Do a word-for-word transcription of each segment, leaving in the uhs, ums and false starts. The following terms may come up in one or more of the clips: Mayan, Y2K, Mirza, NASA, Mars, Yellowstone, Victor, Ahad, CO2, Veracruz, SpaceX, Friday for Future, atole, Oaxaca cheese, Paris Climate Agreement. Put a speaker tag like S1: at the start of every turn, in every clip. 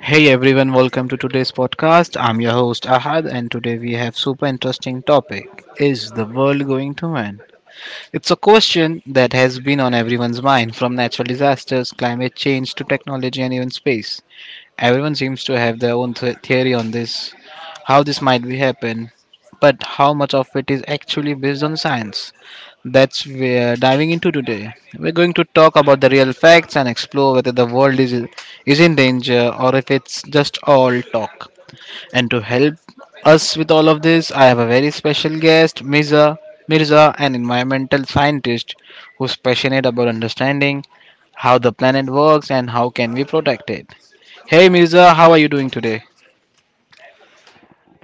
S1: Hey everyone, welcome to today's podcast. I'm your host Ahad and today we have super interesting topic. Is the world going to end? It's a question that has been on everyone's mind, from natural disasters, climate change to technology and even space. Everyone seems to have their own th- theory on this, how this might be happen, but how much of it is actually based on science? That's we're diving into today. We're going to talk about the real facts and explore whether the world is is in danger or if it's just all talk. And to help us with all of this, I have a very special guest, Mirza, Mirza, an environmental scientist who's passionate about understanding how the planet works and how can we protect it. Hey Mirza, how are you doing today?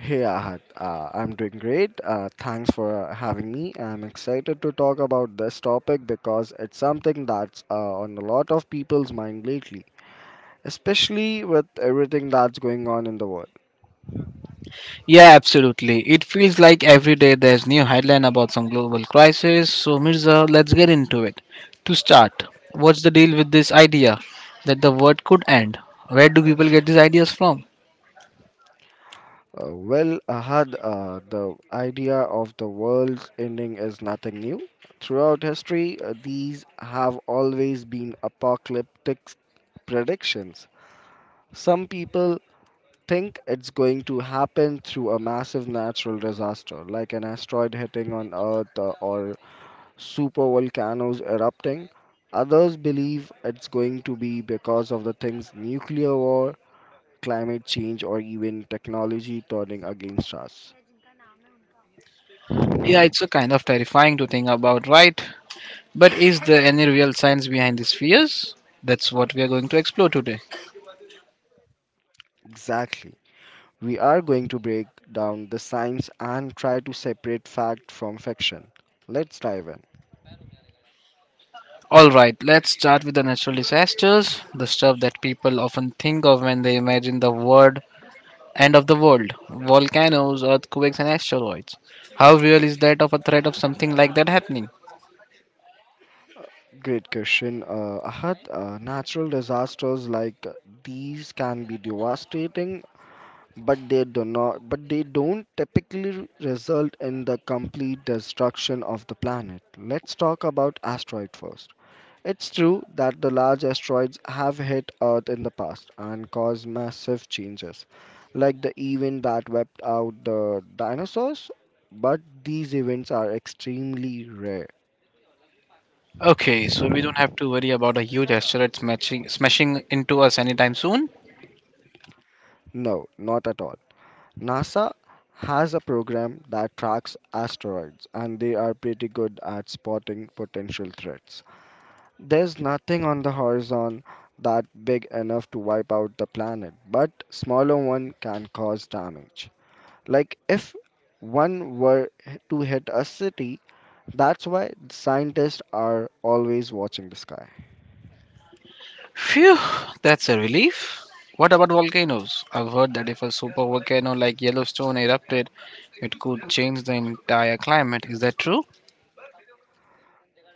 S2: Hey Ahad, uh, I'm doing great. Uh, thanks for having me. I'm excited to talk about this topic because it's something that's uh, on a lot of people's mind lately, especially with everything that's going on in the world.
S1: Yeah, absolutely. It feels like every day there's new headline about some global crisis. So Mirza, let's get into it. To start, what's the deal with this idea that the world could end? Where do people get these ideas from?
S2: Uh, well, Ahad, uh, the idea of the world's ending is nothing new. Throughout history, uh, these have always been apocalyptic predictions. Some people think it's going to happen through a massive natural disaster like an asteroid hitting on Earth uh, or super volcanoes erupting. Others believe it's going to be because of the things nuclear war, climate change, or even technology turning against us.
S1: Yeah, it's a kind of terrifying to think about, right? But is there any real science behind these fears? That's what we are going to explore today.
S2: Exactly. We are going to break down the science and try to separate fact from fiction. Let's dive in.
S1: Alright, let's start with the natural disasters, the stuff that people often think of when they imagine the word end of the world, volcanoes, earthquakes, and asteroids. How real is that of a threat of something like that happening?
S2: Great question. Uh, Ahad, uh, natural disasters like these can be devastating, but they do not, but they don't typically result in the complete destruction of the planet. Let's talk about asteroid first. It's true that the large asteroids have hit Earth in the past and caused massive changes, like the event that wiped out the dinosaurs, but these events are extremely rare.
S1: Okay, so we don't have to worry about a huge asteroid smashing, smashing into us anytime soon.
S2: No, not at all. NASA has a program that tracks asteroids, and they are pretty good at spotting potential threats. There's nothing on the horizon that big enough to wipe out the planet, but smaller one can cause damage. Like if one were h- to hit a city, that's why scientists are always watching the sky.
S1: Phew, that's a relief. What about volcanoes? I've heard that if a super volcano like Yellowstone erupted, it could change the entire climate. Is that true?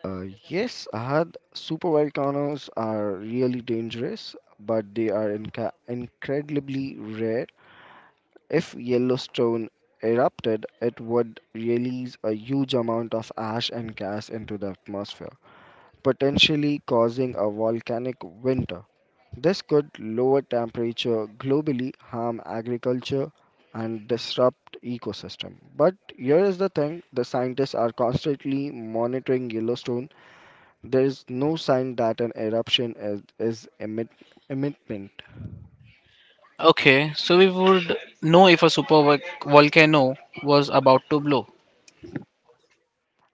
S2: Uh, yes, Ahad, super volcanoes are really dangerous, but they are inca- incredibly rare. If Yellowstone erupted, it would release a huge amount of ash and gas into the atmosphere, potentially causing a volcanic winter. This could lower temperature globally, harm agriculture, and disrupt ecosystem. But here is the thing, the scientists are constantly monitoring Yellowstone. There is no sign that an eruption is, is emit, emitting.
S1: Okay, so we would know if a super volcano was about to blow.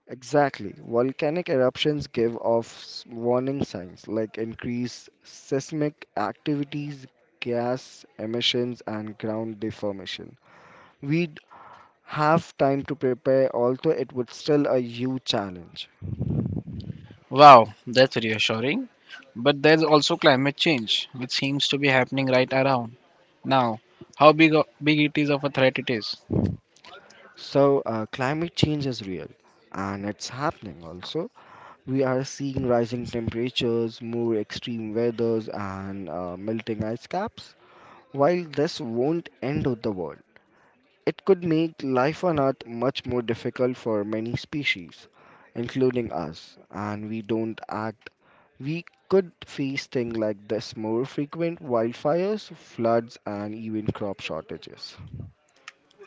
S2: Exactly. Volcanic eruptions give off s- warning signs like increased seismic activities, gas emissions, and ground deformation. We'd have time to prepare, although it would still a huge challenge.
S1: Wow, that's reassuring. But there's also climate change, which seems to be happening right around now. How big o- big it is of a threat it is.
S2: So, uh, climate change is real and it's happening also. We are seeing rising temperatures, more extreme weathers, and uh, melting ice caps. While this won't end of the world, it could make life on Earth much more difficult for many species, including us, and we don't act. We could face things like this more frequent wildfires, floods, and even crop shortages.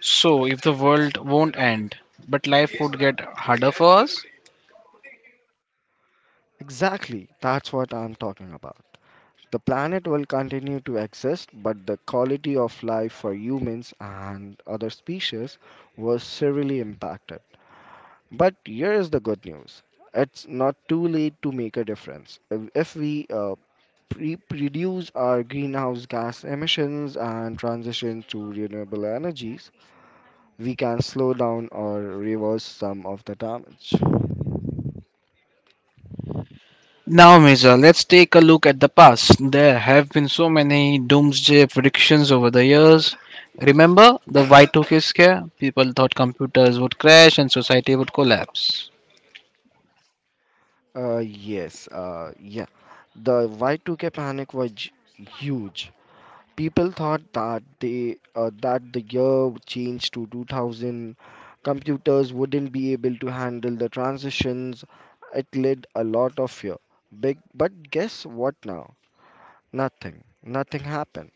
S1: So, if the world won't end, but life would get harder for us.
S2: Exactly, that's what I'm talking about. The planet will continue to exist, but the quality of life for humans and other species was severely impacted. But here is the good news, it's not too late to make a difference. If if we uh, pre- reduce our greenhouse gas emissions and transition to renewable energies, we can slow down or reverse some of the damage.
S1: Now, Mirza, let's take a look at the past. There have been so many doomsday predictions over the years. Remember the Y two K scare? People thought computers would crash and society would collapse.
S2: Uh, yes, uh, yeah. The Y two K panic was j- huge. People thought that they uh, that the year change to two thousand computers wouldn't be able to handle the transitions. It led a lot of fear. Big, but guess what now? Nothing. Nothing happened.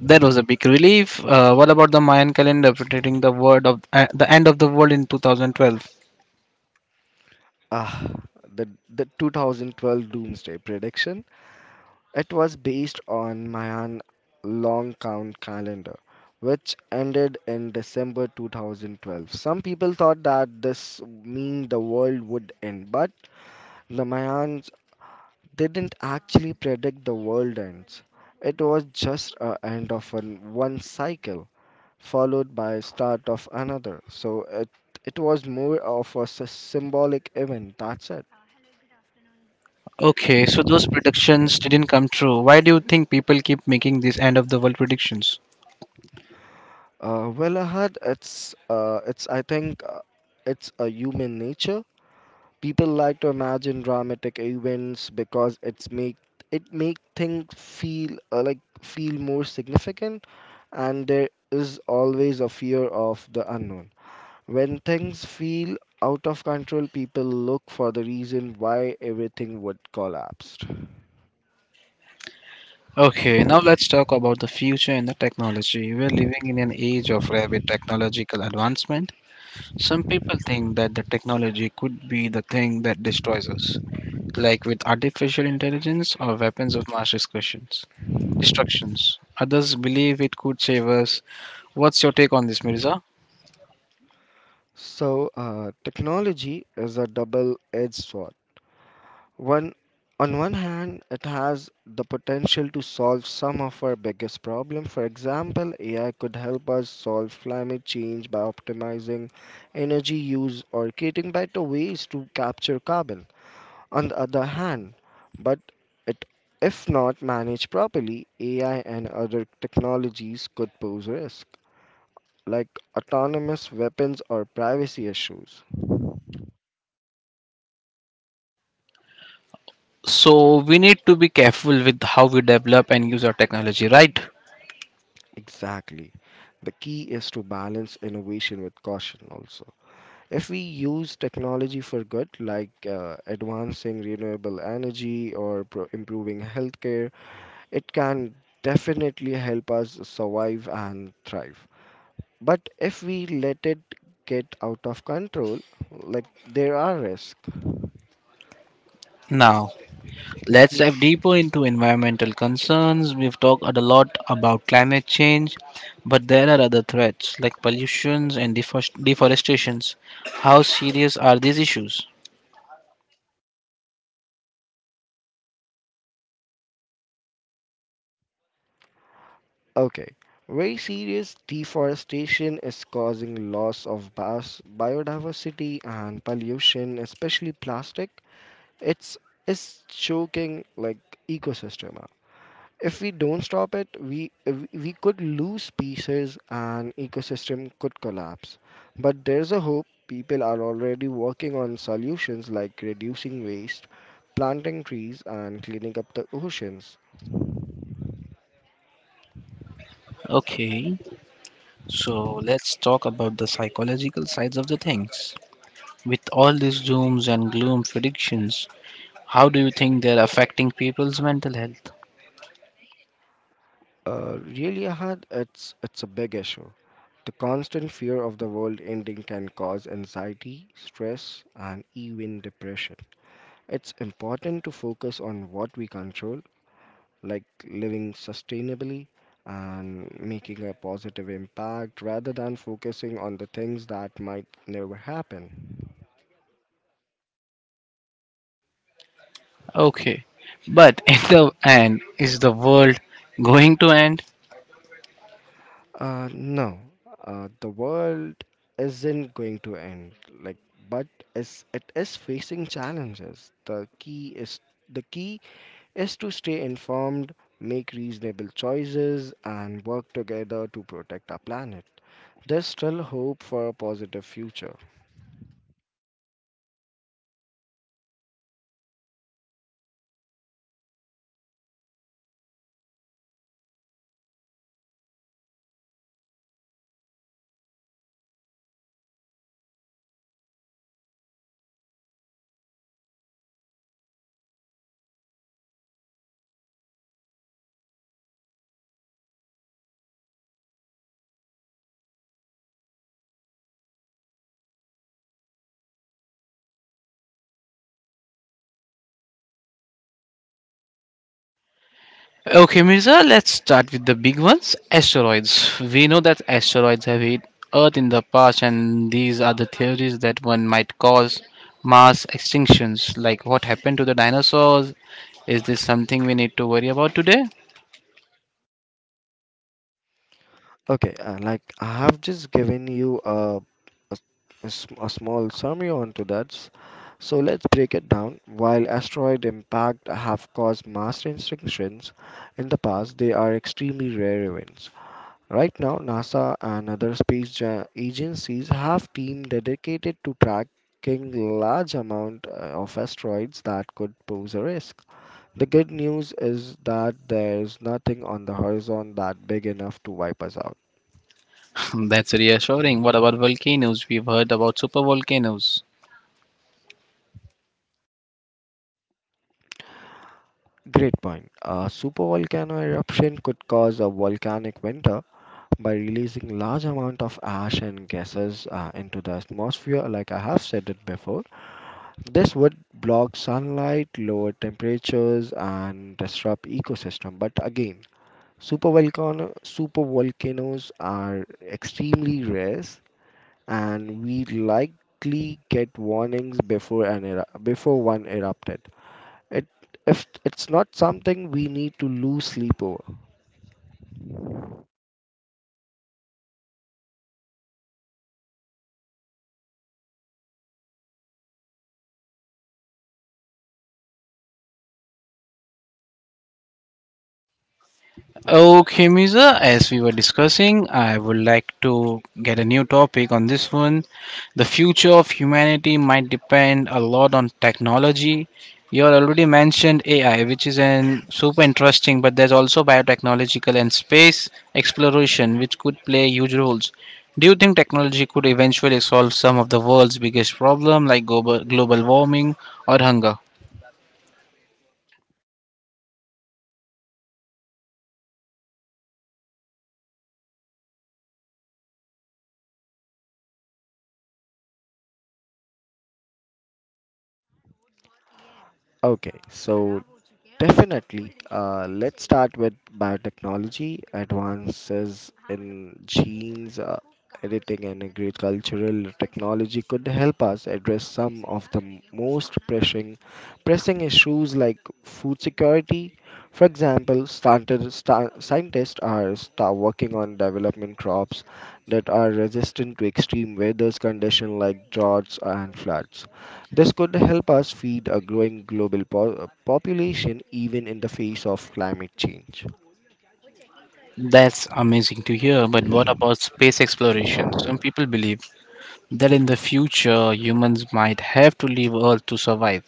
S1: That was a big relief. Uh, what about the Mayan calendar predicting the word of uh, the end of the world in two thousand twelve?
S2: Ah, the the twenty twelve doomsday prediction. It was based on Mayan long count calendar, which ended in December two thousand twelve. Some people thought that this mean the world would end, but Ramayans didn't actually predict the world ends. It was just a end of an, one cycle followed by start of another. So it it was more of a s- symbolic event. That's it.
S1: Okay, so those predictions didn't come true. Why do you think people keep making these end of the world predictions?
S2: Uh, well, Ahad, it's uh, it's I think uh, it's a human nature. People like to imagine dramatic events because it's make it make things feel uh, like feel more significant, and there is always a fear of the unknown. When things feel out of control, people look for the reason why everything would collapse.
S1: Okay, now let's talk about the future and the technology. We're living in an age of rapid technological advancement. Some people think that the technology could be the thing that destroys us, like with artificial intelligence or weapons of mass destructions. Destructions. Others believe it could save us. What's your take on this, Mirza?
S2: So, uh, technology is a double edged sword. One, on one hand, it has the potential to solve some of our biggest problems. For example, A I could help us solve climate change by optimizing energy use or creating better ways to capture carbon. On the other hand. But it, if not managed properly, A I and other technologies could pose risk, like autonomous weapons or privacy issues.
S1: So we need to be careful with how we develop and use our technology, right?
S2: Exactly. The key is to balance innovation with caution also. If we use technology for good, like uh, advancing renewable energy or pro- improving healthcare, it can definitely help us survive and thrive. But if we let it get out of control, like there are risks.
S1: Now, let's dive deeper into environmental concerns. We've talked a lot about climate change, but there are other threats like pollutions and defores- deforestations. How serious are these issues?
S2: Okay, very serious deforestation is causing loss of bios- biodiversity and pollution, especially plastic. It's is choking like ecosystem, if we don't stop it, we we could lose species and ecosystem could collapse. But there's a hope. People are already working on solutions like reducing waste, planting trees, and cleaning up the oceans.
S1: Okay, so let's talk about the psychological sides of the things. With all these dooms and gloom predictions, how do you think they're affecting people's mental health?
S2: Uh, really, Ahad, it's it's a big issue. The constant fear of the world ending can cause anxiety, stress, and even depression. It's important to focus on what we control, like living sustainably and making a positive impact rather than focusing on the things that might never happen.
S1: Okay, but in the end, is the world going to end?
S2: Uh, no, uh, the world isn't going to end. Like, but is it is facing challenges. The key is the key is to stay informed, make reasonable choices, and work together to protect our planet. There's still hope for a positive future.
S1: Okay, Mirza, let's start with the big ones asteroids. We know that asteroids have hit Earth in the past, and these are the theories that one might cause mass extinctions. Like what happened to the dinosaurs? Is this something we need to worry about today?
S2: Okay, uh, like I have just given you a, a, a sm- a small summary onto that. S- So let's break it down. While asteroid impact have caused mass extinctions in the past, they are extremely rare events. Right now, NASA and other space ja- agencies have team dedicated to tracking large amount uh, of asteroids that could pose a risk. The good news is that there's nothing on the horizon that big enough to wipe us out.
S1: That's reassuring. What about volcanoes? We've heard about super volcanoes.
S2: Great point. A supervolcano eruption could cause a volcanic winter by releasing large amount of ash and gases uh, into the atmosphere. Like I have said it before, this would block sunlight, lower temperatures, and disrupt ecosystem. But again, supervolcano supervolcanoes are extremely rare, and we likely get warnings before an eru- before one erupted. It if it's not something we need to lose sleep over.
S1: Okay, Miza, as we were discussing, I would like to get a new topic on this one. The future of humanity might depend a lot on technology. You all already mentioned A I, which is an super interesting, but there's also biotechnological and space exploration, which could play huge roles. Do you think technology could eventually solve some of the world's biggest problem, like global global warming or hunger?
S2: Okay, so Definitely. Uh, let's start with biotechnology, advances in genes, uh, editing, and agricultural technology could help us address some of the m- most pressing, pressing issues like food security. For example, started, star, scientists are start working on developing crops that are resistant to extreme weather conditions like droughts and floods. This could help us feed a growing global po- uh, population even in the face of climate change.
S1: That's amazing to hear. But what about space exploration? Some people believe that in the future humans might have to leave Earth to survive.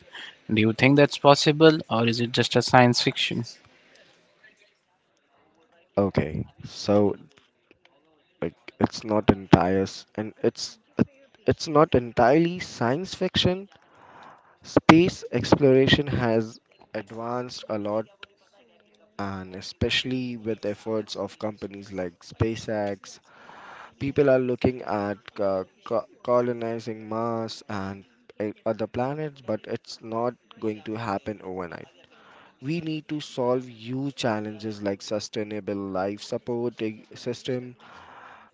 S1: Do you think that's possible, or is it just a science fiction?
S2: Okay, so like it's not entire s- and it's it- It's not entirely science fiction. Space exploration has advanced a lot and especially with efforts of companies like SpaceX, people are looking at uh, co- colonizing Mars and uh, other planets, but it's not going to happen overnight. We need to solve huge challenges like sustainable life supporting system,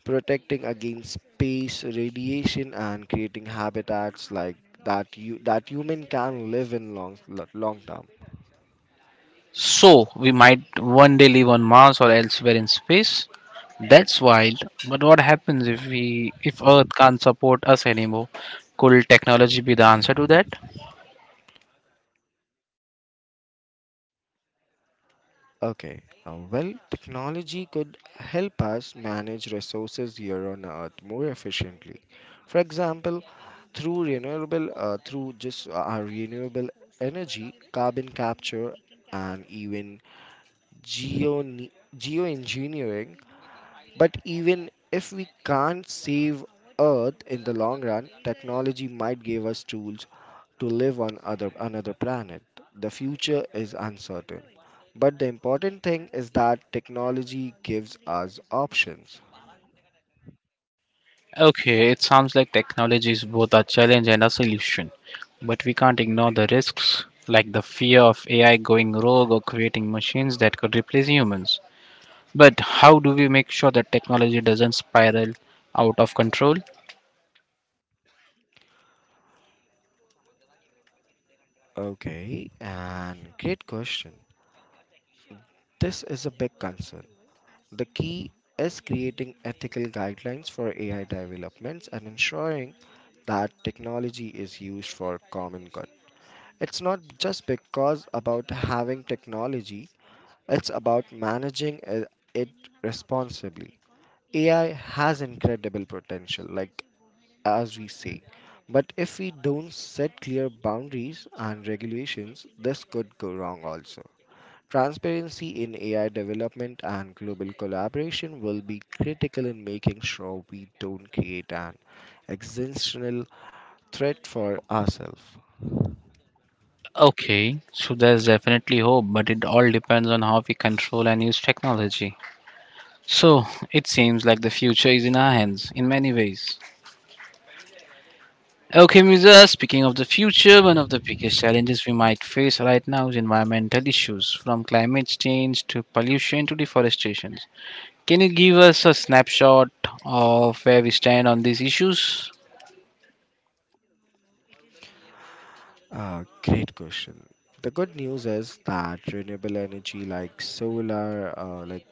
S2: protecting against space radiation, and creating habitats like that you that human can live in long lo- long term.
S1: So, we might one day live on Mars or elsewhere in space. That's wild. But what happens if we if Earth can't support us anymore? Could technology be the answer to that?
S2: Okay, uh, well, Technology could help us manage resources here on Earth more efficiently. For example, through renewable uh, through just uh, our renewable energy, carbon capture, and even geo geoengineering. But even if we can't save earth in the long run, technology might give us tools to live on other another planet. The future is uncertain, but the important thing is that technology gives us options.
S1: Okay, it sounds like technology is both a challenge and a solution. But we can't ignore the risks, like the fear of A I going rogue or creating machines that could replace humans. But how do we make sure that technology doesn't spiral out of control?
S2: Okay and Great question. This is a big concern. The key is creating ethical guidelines for AI developments and ensuring that technology is used for common good. It's not just because about having technology, it's about managing i- it responsibly. A I has incredible potential, like as we say, but if we don't set clear boundaries and regulations, this could go wrong also. Transparency in A I development and global collaboration will be critical in making sure we don't create an existential threat for ourselves.
S1: Okay, so there's definitely hope, but it all depends on how we control and use technology. So it seems like the future is in our hands in many ways. Okay, Musa, speaking of the future, one of the biggest challenges we might face right now is environmental issues, from climate change to pollution to deforestation. Can you give us a snapshot of where we stand on these issues?
S2: Ah, great question. The good news is that renewable energy like solar, uh, like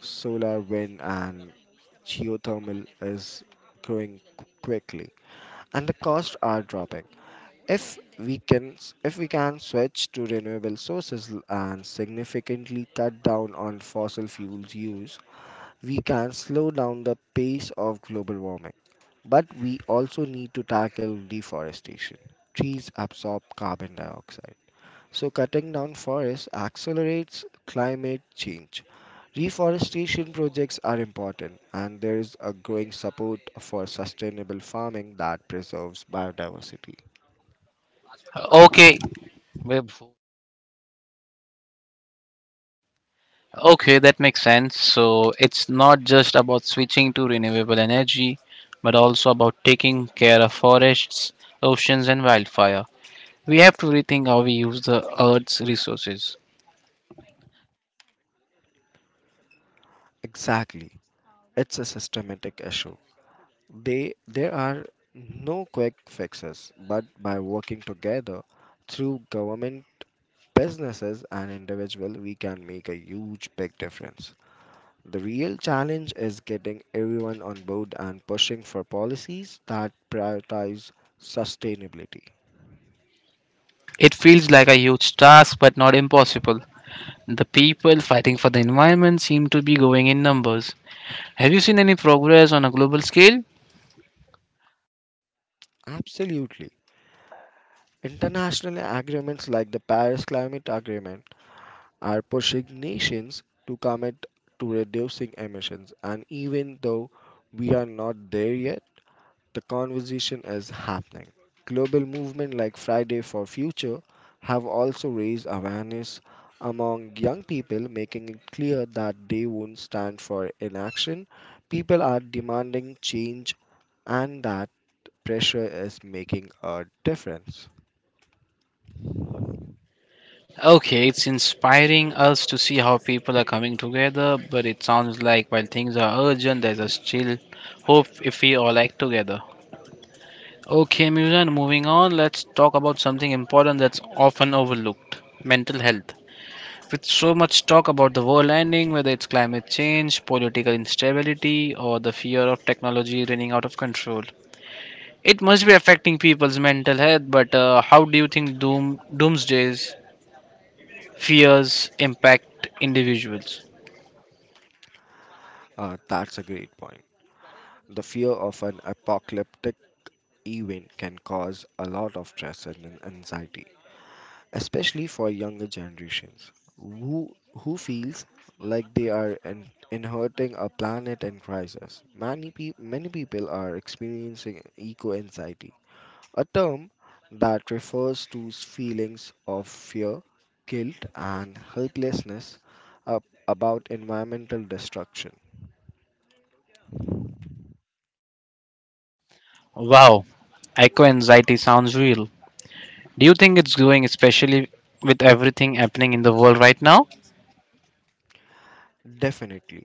S2: solar, wind, and geothermal is growing qu- quickly, and the costs are dropping. If we can, s- if we can switch to renewable sources l- and significantly cut down on fossil fuels use, we can slow down the pace of global warming. But we also need to tackle deforestation. Trees absorb carbon dioxide, so cutting down forests accelerates climate change. Reforestation projects are important, and there is a growing support for sustainable farming that preserves biodiversity.
S1: Okay, Web Okay, that makes sense. So it's not just about switching to renewable energy, but also about taking care of forests, oceans, and wildfire. We have to rethink how we use the Earth's resources.
S2: Exactly, it's a systematic issue. They, there are no quick fixes, but by working together through government, businesses, and individuals, we can make a huge big difference. The real challenge is getting everyone on board and pushing for policies that prioritize sustainability.
S1: It feels like a huge task, but not impossible. The people fighting for the environment seem to be going in numbers. Have you seen any progress on a global scale?
S2: Absolutely. International agreements like the Paris Climate Agreement are pushing nations to commit to reducing emissions, and even though we are not there yet, the conversation is happening. Global movements like Friday for Future have also raised awareness among young people, making it clear that they won't stand for inaction. People are demanding change and that pressure is making a difference.
S1: Okay, it's inspiring us to see how people are coming together, but it sounds like while things are urgent, there's a still hope if we all act together. Okay, Muzan, moving on, let's talk about something important that's often overlooked mental health. With so much talk about the world ending, whether it's climate change, political instability, or the fear of technology running out of control, it must be affecting people's mental health. But uh, how do you think doom, doomsdays fears impact individuals.
S2: Uh, that's a great point. The fear of an apocalyptic event can cause a lot of stress and an- anxiety, especially for younger generations who who feels like they are in, inheriting a planet in crisis. Many pe- many people are experiencing eco anxiety, a term that refers to s- feelings of fear, guilt and helplessness ab- about environmental destruction.
S1: Wow, eco anxiety sounds real. Do you think it's growing, especially with everything happening in the world right now?
S2: Definitely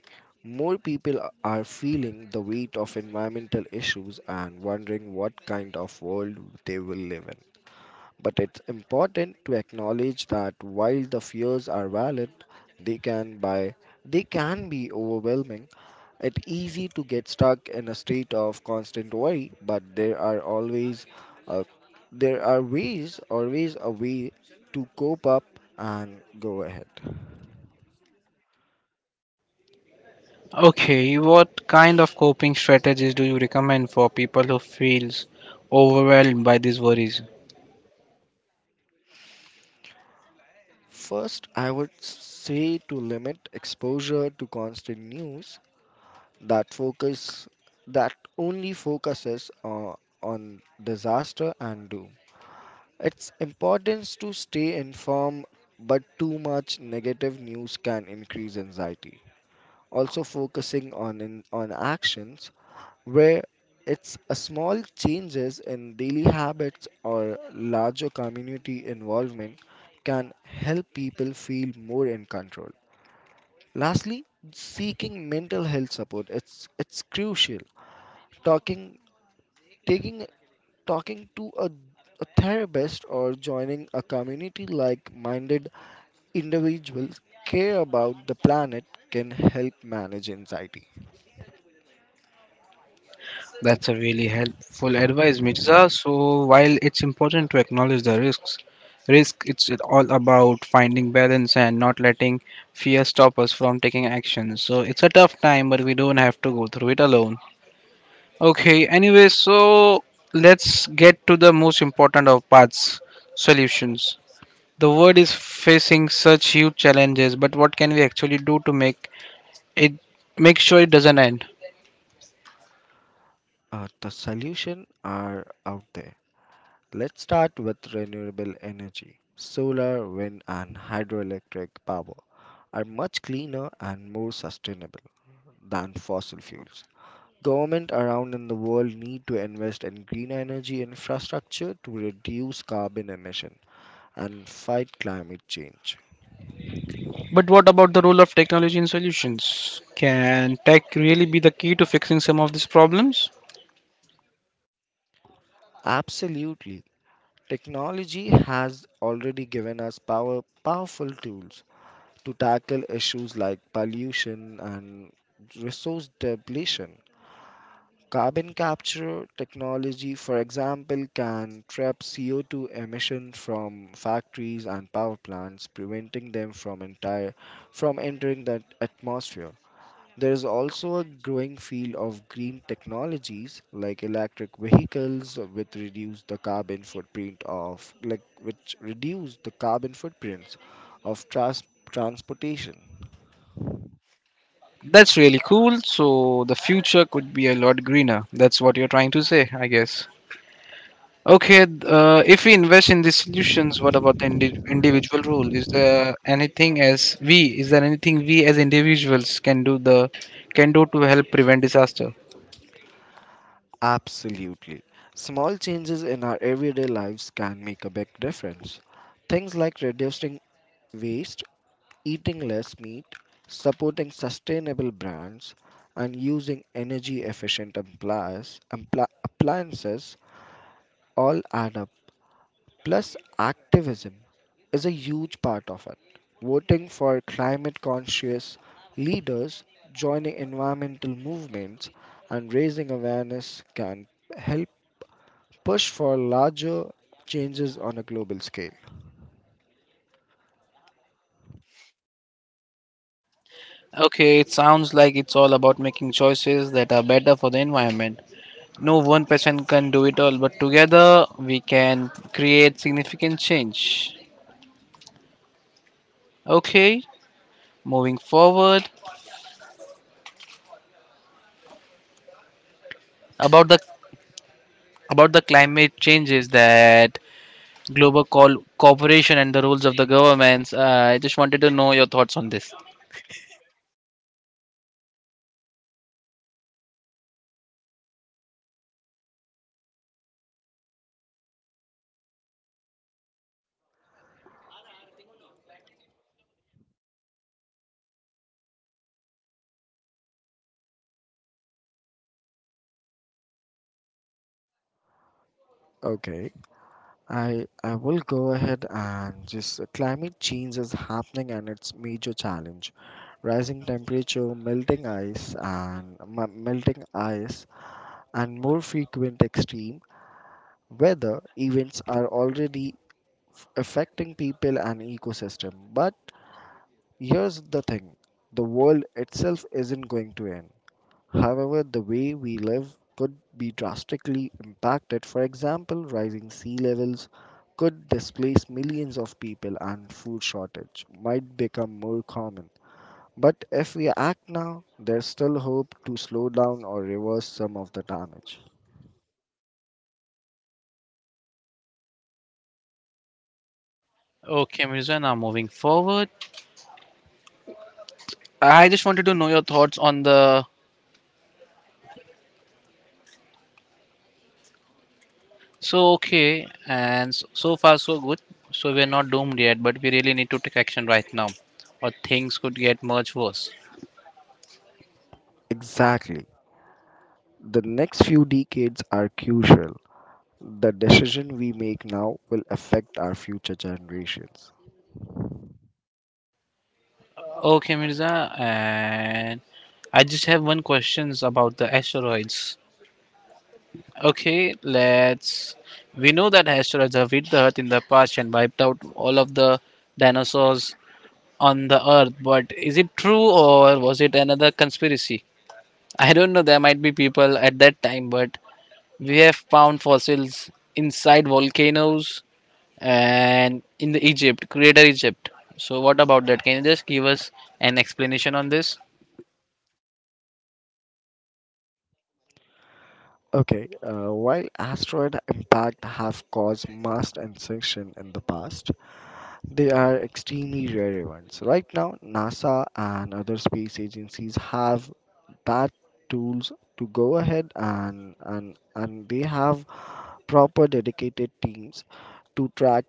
S2: more people a- are feeling the weight of environmental issues and wondering what kind of world they will live in. But it's important to acknowledge that while the fears are valid, they can by they can be overwhelming. It's easy to get stuck in a state of constant worry, but there are always uh, there are ways, always a way to cope up and go ahead.
S1: Okay, what kind of coping strategies do you recommend for people who feels overwhelmed by these worries?
S2: First, I would say to limit exposure to constant news that focus that only focuses on, on disaster and doom. It's importance to stay informed, but too much negative news can increase anxiety. Also focusing on in, on actions where it's a small changes in daily habits or larger community involvement can help people feel more in control. Lastly, seeking mental health support it's it's crucial. Talking taking talking to a, a therapist or joining a community like minded individuals care about the planet can help manage anxiety
S1: That's a really helpful advice, Mirza. So while it's important to acknowledge the risks, risk it's all about finding balance and not letting fear stop us from taking action. So it's a tough time, but we don't have to go through it alone. Okay. Anyway, so let's get to the most important of parts: solutions. The world is facing such huge challenges, but what can we actually do to make it make sure it doesn't end?
S2: uh, The solution are out there. Let's start with renewable energy. Solar, wind and hydroelectric power are much cleaner and more sustainable than fossil fuels. Government around in the world need to invest in green energy infrastructure to reduce carbon emission and fight climate change.
S1: But what about the role of technology in solutions? Can tech really be the key to fixing some of these problems?
S2: Absolutely. Technology has already given us power, powerful tools to tackle issues like pollution and resource depletion. Carbon capture technology, for example, can trap C O two emission from factories and power plants, preventing them from entire from entering the atmosphere. There is also a growing field of green technologies like electric vehicles which reduce the carbon footprint of like which reduce the carbon footprints of trans- transportation.
S1: That's really cool. So the future could be a lot greener. That's what you're trying to say, I guess. Okay, th- uh, if we invest in these solutions, what about the indi- individual role? Is there anything as we? Is there anything we as individuals can do the can do to help prevent disaster?
S2: Absolutely. Small changes in our everyday lives can make a big difference. Things like reducing waste, eating less meat, supporting sustainable brands, and using energy efficient appliances all add up. Plus, activism is a huge part of it. Voting for climate conscious leaders, joining environmental movements, and raising awareness can help push for larger changes on a global scale.
S1: Okay, it sounds like it's all about making choices that are better for the environment. No one person can do it all, but together we can create significant change. Okay, moving forward about the about the climate changes that global co- cooperation and the rules of the governments. Uh, I just wanted to know your thoughts on this.
S2: Okay. I I will go ahead and just uh, Climate change is happening and it's major challenge. Rising temperature, melting ice and m- melting ice and more frequent extreme weather events are already affecting people and ecosystem. But here's the thing, the world itself isn't going to end. However, the way we live could be drastically impacted. For example, rising sea levels could displace millions of people and food shortage might become more common. But if we act now, there's still hope to slow down or reverse some of the damage.
S1: Okay, Mirza. Now moving forward, I just wanted to know your thoughts on the. So okay, and s- so far so good. So we're not doomed yet, but we really need to take action right now, or things could get much worse.
S2: Exactly. The next few decades are crucial. The decision we make now will affect our future generations.
S1: Okay, Mirza, and I just have one questions about the asteroids. Okay, let's. We know that asteroids have hit the Earth in the past and wiped out all of the dinosaurs on the Earth, but is it true or was it another conspiracy? I don't know, there might be people at that time, but we have found fossils inside volcanoes and in the Egypt, Greater Egypt. So, what about that? Can you just give us an explanation on this?
S2: Okay, uh, While asteroid impact have caused mass extinction in the past, they are extremely rare events. Right now, NASA and other space agencies have that tools to go ahead and and and they have proper dedicated teams to track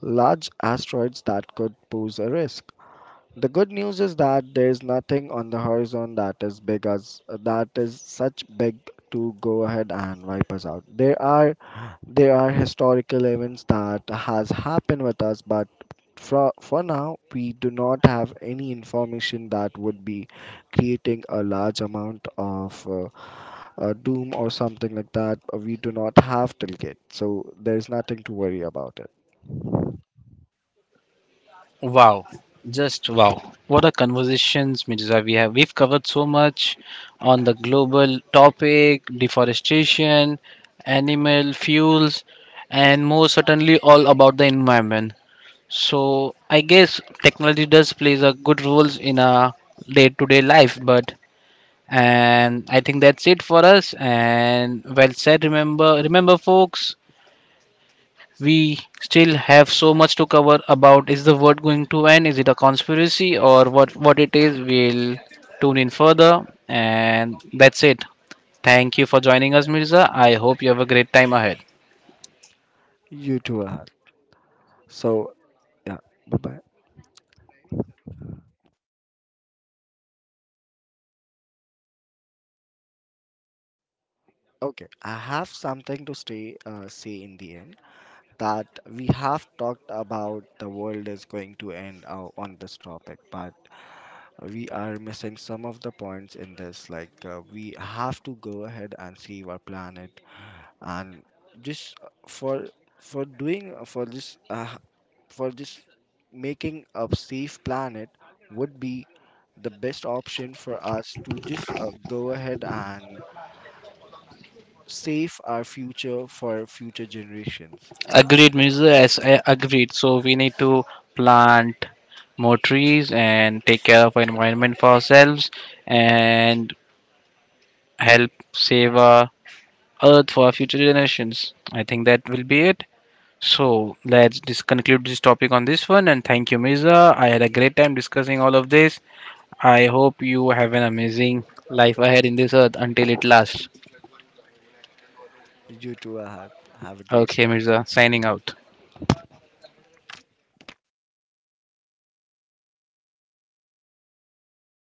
S2: large asteroids that could pose a risk. The good news is that there is nothing on the horizon that is big as that is such big to go ahead and wipe us out. There are there are historical events that has happened with us, but for for now we do not have any information that would be creating a large amount of uh, uh, doom or something like that. We do not have till yet, so there is nothing to worry about it.
S1: Wow, just wow. What a conversations, Mirza. We have we've covered so much on the global topic, deforestation, animal fuels, and more certainly all about the environment. So I guess technology does plays a good roles in our day-to-day life, but and I think that's it for us. And well said. Remember, remember, folks, we still have so much to cover about is the world going to end? Is it a conspiracy or what, what it is? We'll tune in further. And that's it. Thank you for joining us, Mirza. I hope you have a great time ahead.
S2: You too, Ahad. So, yeah, bye bye. Okay, I have something to stay, uh, say in the end that we have talked about the world is going to end uh, on this topic, but we are missing some of the points in this. Like, uh, we have to go ahead and save our planet and just for for doing uh, for this uh, for this making a safe planet would be the best option for us to just uh, go ahead and save our future for future generations.
S1: Agreed, Mirza. Yes, I agreed. So we need to plant more trees and take care of our environment for ourselves and help save our earth for our future generations. I think that will be it. So let's just conclude this topic on this one. And thank you, Mirza. I had a great time discussing all of this. I hope you have an amazing life ahead in this earth until it lasts.
S2: You too uh, Have a great
S1: Okay, Mirza, signing out.